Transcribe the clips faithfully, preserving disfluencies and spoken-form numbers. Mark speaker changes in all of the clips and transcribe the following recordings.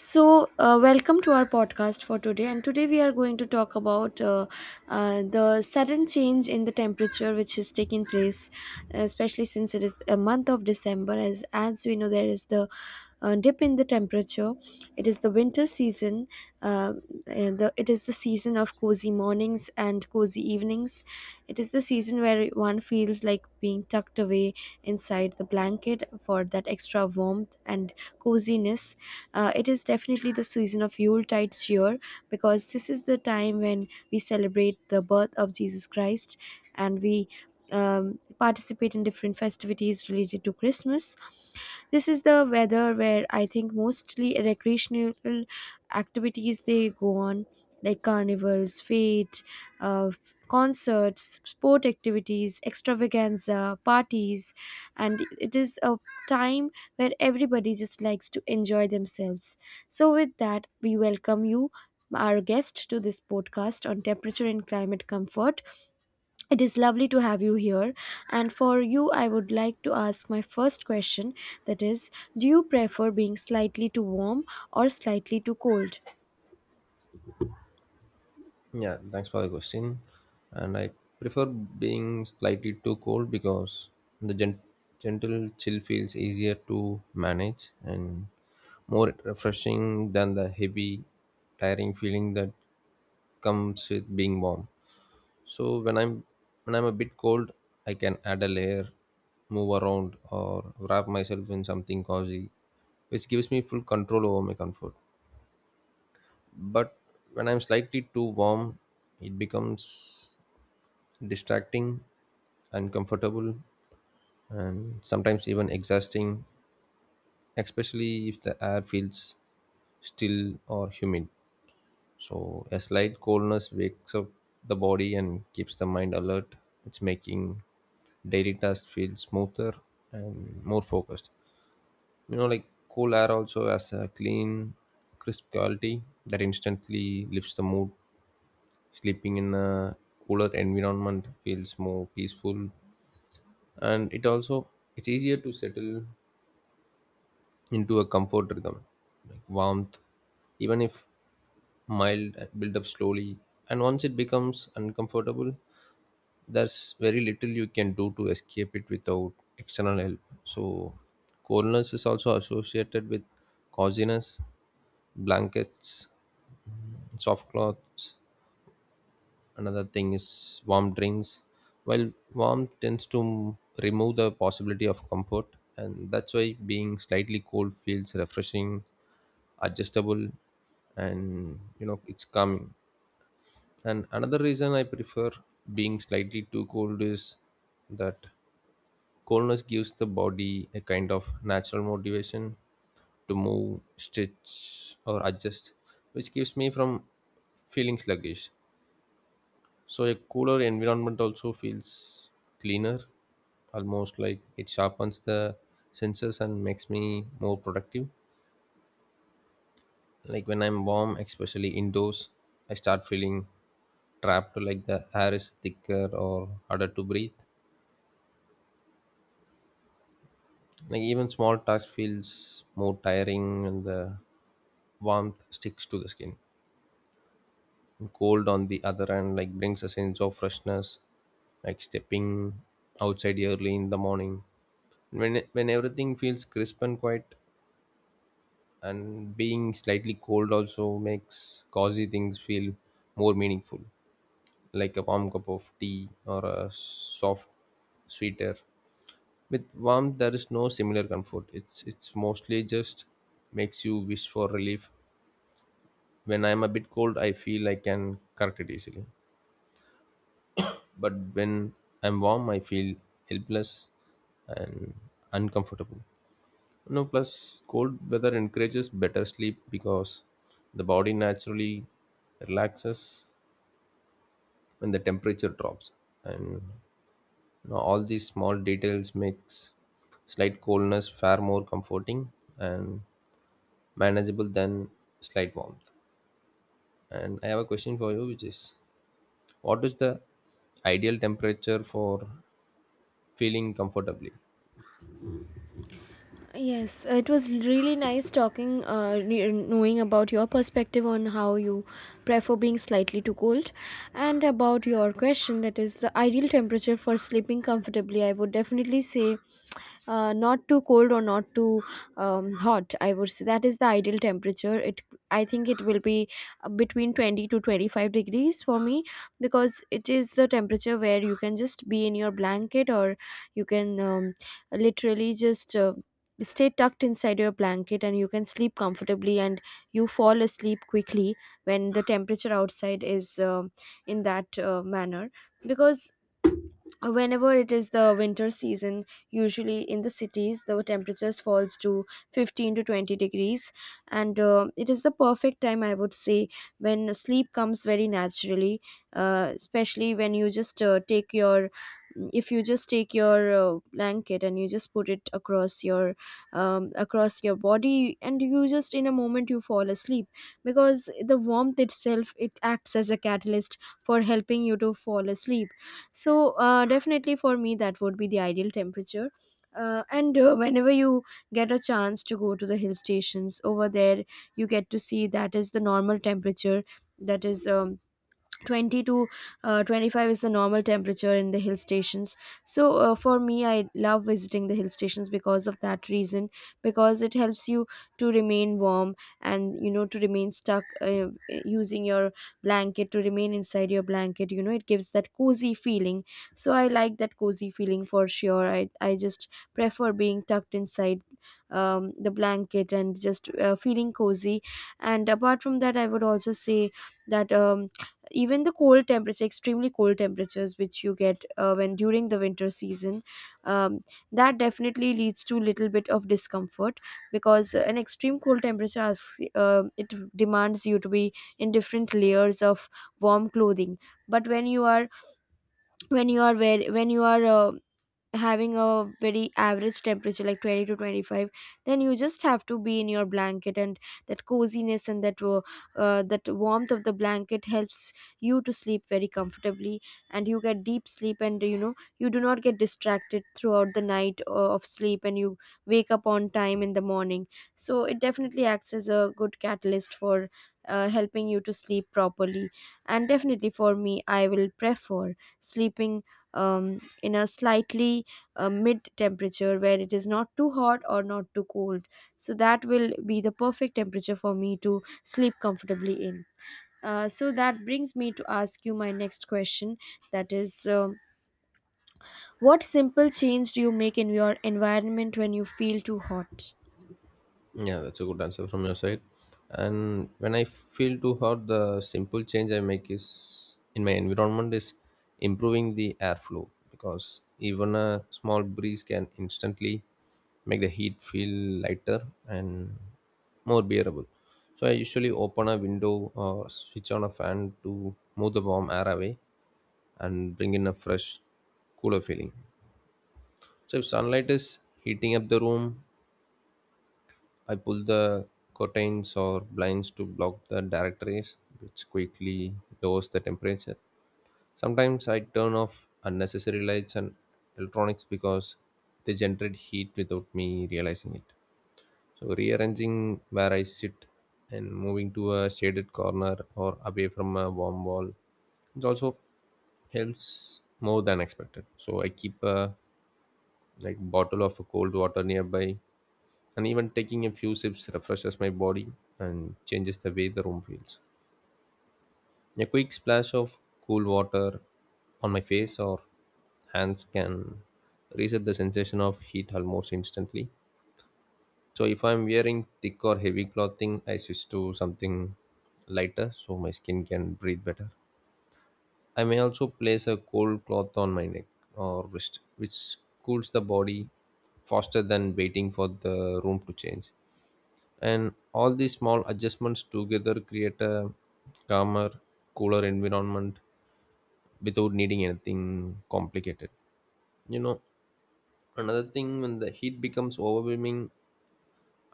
Speaker 1: So, uh, welcome to our podcast for today. And today we are going to talk about uh, uh, the sudden change in the temperature which has taken place, especially since it is a month of December. As as we know, there is the uh, dip in the temperature. It is the winter season. Uh, and the, it is the season of cozy mornings and cozy evenings. It is the season where one feels like being tucked away inside the blanket for that extra warmth and coziness. Uh, it is definitely the season of Yuletide cheer, because this is the time when we celebrate the birth of Jesus Christ, and we um, participate in different festivities related to Christmas. This is the weather where I think mostly recreational activities they go on, like carnivals, fete, uh, concerts, sport activities, extravaganza, parties. And it is a time where everybody just likes to enjoy themselves. So with that, we welcome you, our guest, to this podcast on temperature and climate comfort. It is lovely to have you here. And for you, I would like to ask my first question, that is, do you prefer being slightly too warm or slightly too cold?
Speaker 2: Yeah, thanks for the question. And I prefer being slightly too cold because the gen- gentle chill feels easier to manage and more refreshing than the heavy, tiring feeling that comes with being warm. So when I'm when I'm a bit cold, I can add a layer, move around, or wrap myself in something cozy, which gives me full control over my comfort, but when I'm slightly too warm, it becomes distracting, uncomfortable, and sometimes even exhausting, especially if the air feels still or humid. So, a slight coldness wakes up the body and keeps the mind alert. It's making daily tasks feel smoother and more focused. You know, like cool air also has a clean, crisp quality that instantly lifts the mood. Sleeping in a cooler environment feels more peaceful, and it also it's easier to settle into a comfort rhythm, like warmth, even if mild, build up slowly. And once it becomes uncomfortable, there's very little you can do to escape it without external help. So, coldness is also associated with coziness, blankets, soft cloths. Another thing is warm drinks. Well, warm tends to m- remove the possibility of comfort, and that's why being slightly cold feels refreshing, adjustable, and you know it's calming. And another reason I prefer being slightly too cold is that coldness gives the body a kind of natural motivation to move, stretch, or adjust, which keeps me from feeling sluggish. So a cooler environment also feels cleaner, almost like it sharpens the senses and makes me more productive. Like when I'm warm, especially indoors, I start feeling trapped, like the air is thicker or harder to breathe. Like even small tasks feels more tiring and the warmth sticks to the skin. Cold on the other hand like brings a sense of freshness, like stepping outside early in the morning when when everything feels crisp and quiet. And being slightly cold also makes cozy things feel more meaningful, like a warm cup of tea or a soft sweater. With warmth there is no similar comfort, it's it's mostly just makes you wish for relief. When I'm a bit cold I feel I can correct it easily. But when I'm warm, I feel helpless and uncomfortable. No, plus cold weather encourages better sleep because the body naturally relaxes when the temperature drops, and you know, all these small details makes slight coldness far more comforting and manageable than slight warmth. And I have a question for you, which is, what is the ideal temperature for feeling comfortably?
Speaker 1: Yes, it was really nice talking, uh, re- knowing about your perspective on how you prefer being slightly too cold, and about your question, that is the ideal temperature for sleeping comfortably. I would definitely say uh, not too cold or not too um, hot. I would say that is the ideal temperature. It I think it will be uh, between twenty to twenty-five degrees for me, because it is the temperature where you can just be in your blanket, or you can um, literally just uh, stay tucked inside your blanket, and you can sleep comfortably and you fall asleep quickly when the temperature outside is um in that uh, manner, because whenever it is the winter season, usually in the cities the temperatures falls to fifteen to twenty degrees, and uh, it is the perfect time, I would say, when sleep comes very naturally, uh, especially when you just uh, take your, if you just take your uh, blanket and you just put it across your um, across your body, and you just in a moment you fall asleep, because the warmth itself, it acts as a catalyst for helping you to fall asleep. So, uh, definitely for me, that would be the ideal temperature. Uh, and uh, Whenever you get a chance to go to the hill stations over there, you get to see that is the normal temperature, that is um, twenty to uh, twenty-five is the normal temperature in the hill stations. So uh, for me, I love visiting the hill stations because of that reason, because it helps you to remain warm, and you know, to remain stuck uh, using your blanket, to remain inside your blanket. You know, it gives that cozy feeling. So I like that cozy feeling for sure. I i just prefer being tucked inside um, the blanket and just uh, feeling cozy. And apart from that, I would also say that um, even the cold temperature, extremely cold temperatures which you get uh, when during the winter season, um, that definitely leads to little bit of discomfort, because an extreme cold temperature asks, uh, it demands you to be in different layers of warm clothing. But when you are, when you are where when you are uh, having a very average temperature like twenty to twenty-five, then you just have to be in your blanket, and that coziness and that wo- uh, that warmth of the blanket helps you to sleep very comfortably, and you get deep sleep, and you know, you do not get distracted throughout the night uh, of sleep, and you wake up on time in the morning. So it definitely acts as a good catalyst for uh, helping you to sleep properly. And definitely for me, I will prefer sleeping um, in a slightly a mid temperature, where it is not too hot or not too cold. So that will be the perfect temperature for me to sleep comfortably in. Uh, so that brings me to ask you my next question, that is, um, what simple change do you make in your environment when you feel too hot?
Speaker 2: Yeah, that's a good answer from your side. And when I feel too hot, the simple change I make is in my environment is improving the airflow because even a small breeze can instantly make the heat feel lighter and more bearable. So I usually open a window or switch on a fan to move the warm air away and bring in a fresh, cooler feeling. So if sunlight is heating up the room, I pull the curtains or blinds to block the direct rays, which quickly lowers the temperature. Sometimes I turn off unnecessary lights and electronics because they generate heat without me realizing it. So, rearranging where I sit and moving to a shaded corner or away from a warm wall it also helps more than expected. So, I keep a like bottle of cold water nearby and even taking a few sips refreshes my body and changes the way the room feels. A quick splash of cool water on my face or hands can reset the sensation of heat almost instantly. So if I'm wearing thick or heavy clothing, I switch to something lighter so my skin can breathe better. I may also place a cold cloth on my neck or wrist, which cools the body faster than waiting for the room to change. And all these small adjustments together create a calmer, cooler environment without needing anything complicated. you know another thing, when the heat becomes overwhelming,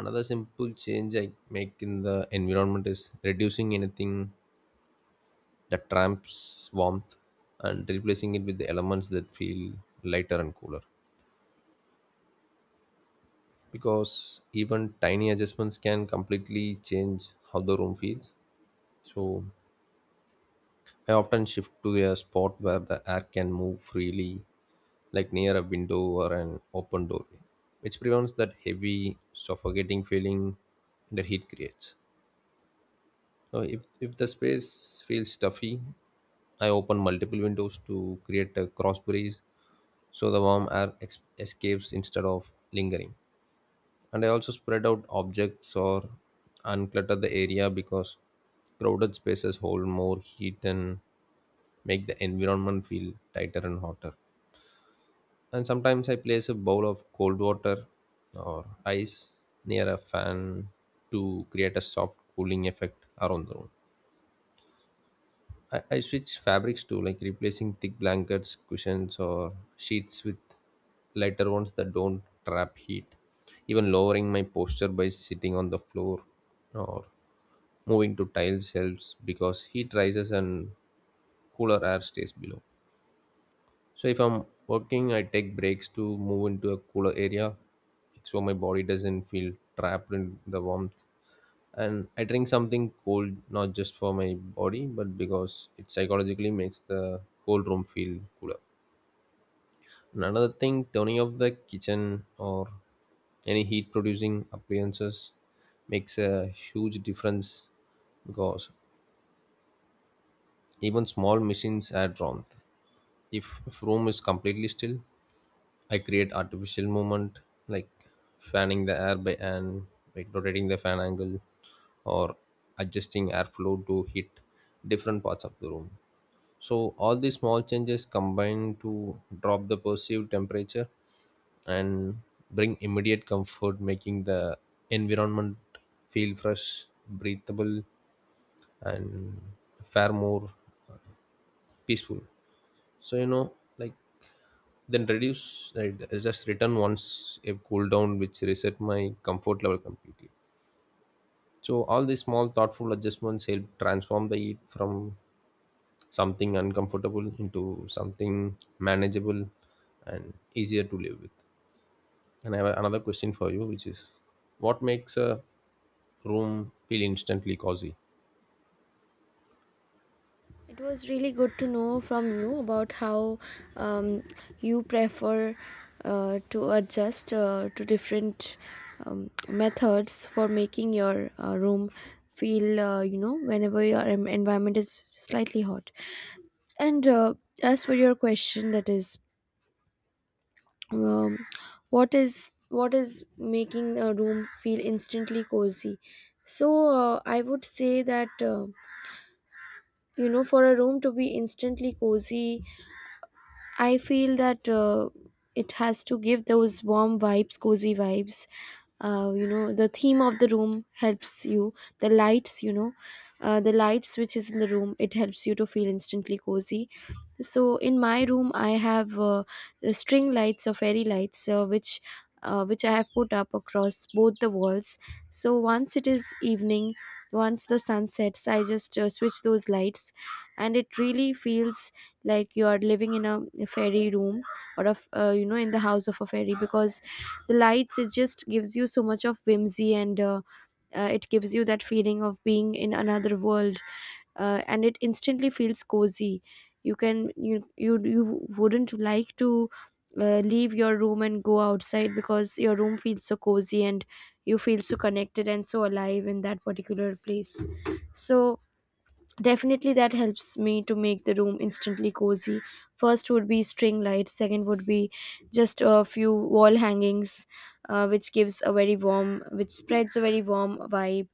Speaker 2: another simple change I make in the environment is reducing anything that traps warmth and replacing it with the elements that feel lighter and cooler, because even tiny adjustments can completely change how the room feels. So I often shift to a spot where the air can move freely, like near a window or an open doorway, which prevents that heavy, suffocating feeling the heat creates. So, if, if the space feels stuffy, I open multiple windows to create a cross breeze so the warm air ex- escapes instead of lingering. And I also spread out objects or unclutter the area because crowded spaces hold more heat than make the environment feel tighter and hotter. And sometimes I place a bowl of cold water or ice near a fan to create a soft cooling effect around the room. I, I switch fabrics too, like replacing thick blankets, cushions, or sheets with lighter ones that don't trap heat. Even lowering my posture by sitting on the floor or moving to tiles helps because heat rises and cooler air stays below. So if I'm working, I take breaks to move into a cooler area so my body doesn't feel trapped in the warmth. And I drink something cold not just for my body but because it psychologically makes the whole room feel cooler. And another thing, turning off the kitchen or any heat producing appliances makes a huge difference because even small machines add warmth. If, if room is completely still, I create artificial movement, like fanning the air by and like rotating the fan angle or adjusting airflow to hit different parts of the room. So all these small changes combine to drop the perceived temperature and bring immediate comfort, making the environment feel fresh, breathable, and far more peaceful. So you know, like then reduce, right, I just return once a cooldown, which reset my comfort level completely. So all these small thoughtful adjustments help transform the heat from something uncomfortable into something manageable and easier to live with. And I have another question for you, which is, what makes a room feel instantly cozy?
Speaker 1: It was really good to know from you about how um, you prefer uh, to adjust uh, to different um, methods for making your uh, room feel, uh, you know, whenever your en- environment is slightly hot. And uh, as for your question, that is, um, what is what is making a room feel instantly cozy? So uh, I would say that uh, you know, for a room to be instantly cozy, I feel that uh, it has to give those warm vibes, cozy vibes. Uh, you know, the theme of the room helps you. The lights, you know, uh, the lights which is in the room, it helps you to feel instantly cozy. So in my room, I have uh, the string lights or fairy lights, uh, which uh, which I have put up across both the walls. So once it is evening, once the sun sets, I just uh, switch those lights, and it really feels like you are living in a a fairy room, or of uh, you know, in the house of a fairy, because the lights, it just gives you so much of whimsy, and uh, uh, it gives you that feeling of being in another world, uh, and it instantly feels cozy. You can you you, you wouldn't like to uh, leave your room and go outside, because your room feels so cozy, and you feel so connected and so alive in that particular place. So definitely, that helps me to make the room instantly cozy. First would be string lights, second would be just a few wall hangings, uh, which gives a very warm, which spreads a very warm vibe.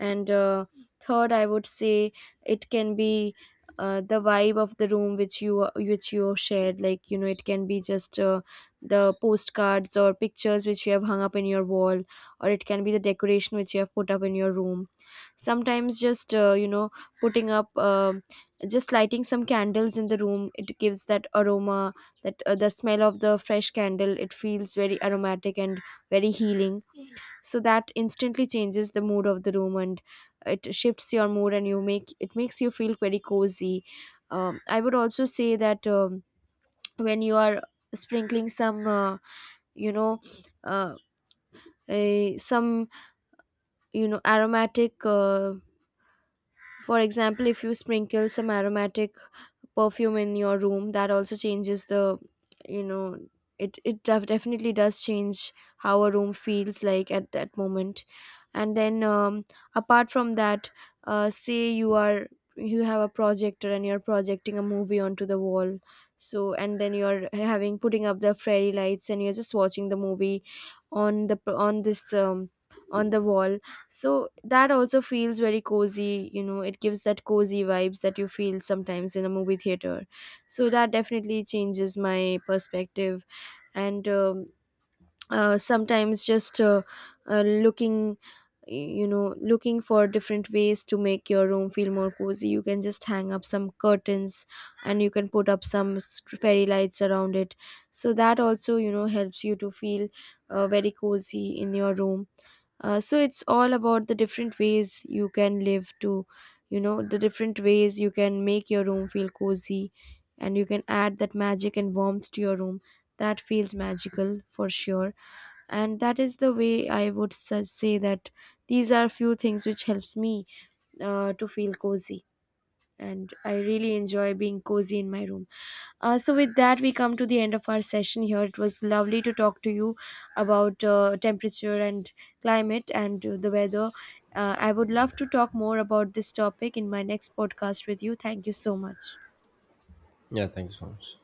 Speaker 1: And uh, third, I would say it can be uh, the vibe of the room, which you which you shared. Like, you know, it can be just uh, the postcards or pictures which you have hung up in your wall, or it can be the decoration which you have put up in your room. Sometimes just uh, you know, putting up um just lighting some candles in the room, it gives that aroma, that uh, the smell of the fresh candle, it feels very aromatic and very healing. So that instantly changes the mood of the room, and it shifts your mood, and you make it makes you feel very cozy. um, I would also say that um, when you are sprinkling some uh, you know, uh, eh, some, you know, aromatic uh, for example, if you sprinkle some aromatic perfume in your room, that also changes the, you know, it it def- definitely does change how a room feels like at that moment. And then um, apart from that, uh, say you are, you have a projector and you're projecting a movie onto the wall, so, and then you're having putting up the fairy lights and you're just watching the movie on the on this um, on the wall. So that also feels very cozy, you know, it gives that cozy vibes that you feel sometimes in a movie theater. So that definitely changes my perspective. And um, uh, sometimes just uh, uh, looking, you know, looking for different ways to make your room feel more cozy, you can just hang up some curtains, and you can put up some s- fairy lights around it. So that also, you know, helps you to feel uh, very cozy in your room. Uh, so it's all about the different ways you can live to, you know, the different ways you can make your room feel cozy, and you can add that magic and warmth to your room that feels magical, for sure. And that is the way I would sa- say that these are few things which helps me uh, to feel cozy, and I really enjoy being cozy in my room. Uh, so with that, we come to the end of our session here. It was lovely to talk to you about uh, temperature and climate, and uh, the weather. uh, I would love to talk more about this topic in my next podcast with you. Thank you so much.
Speaker 2: Yeah, thank you so much.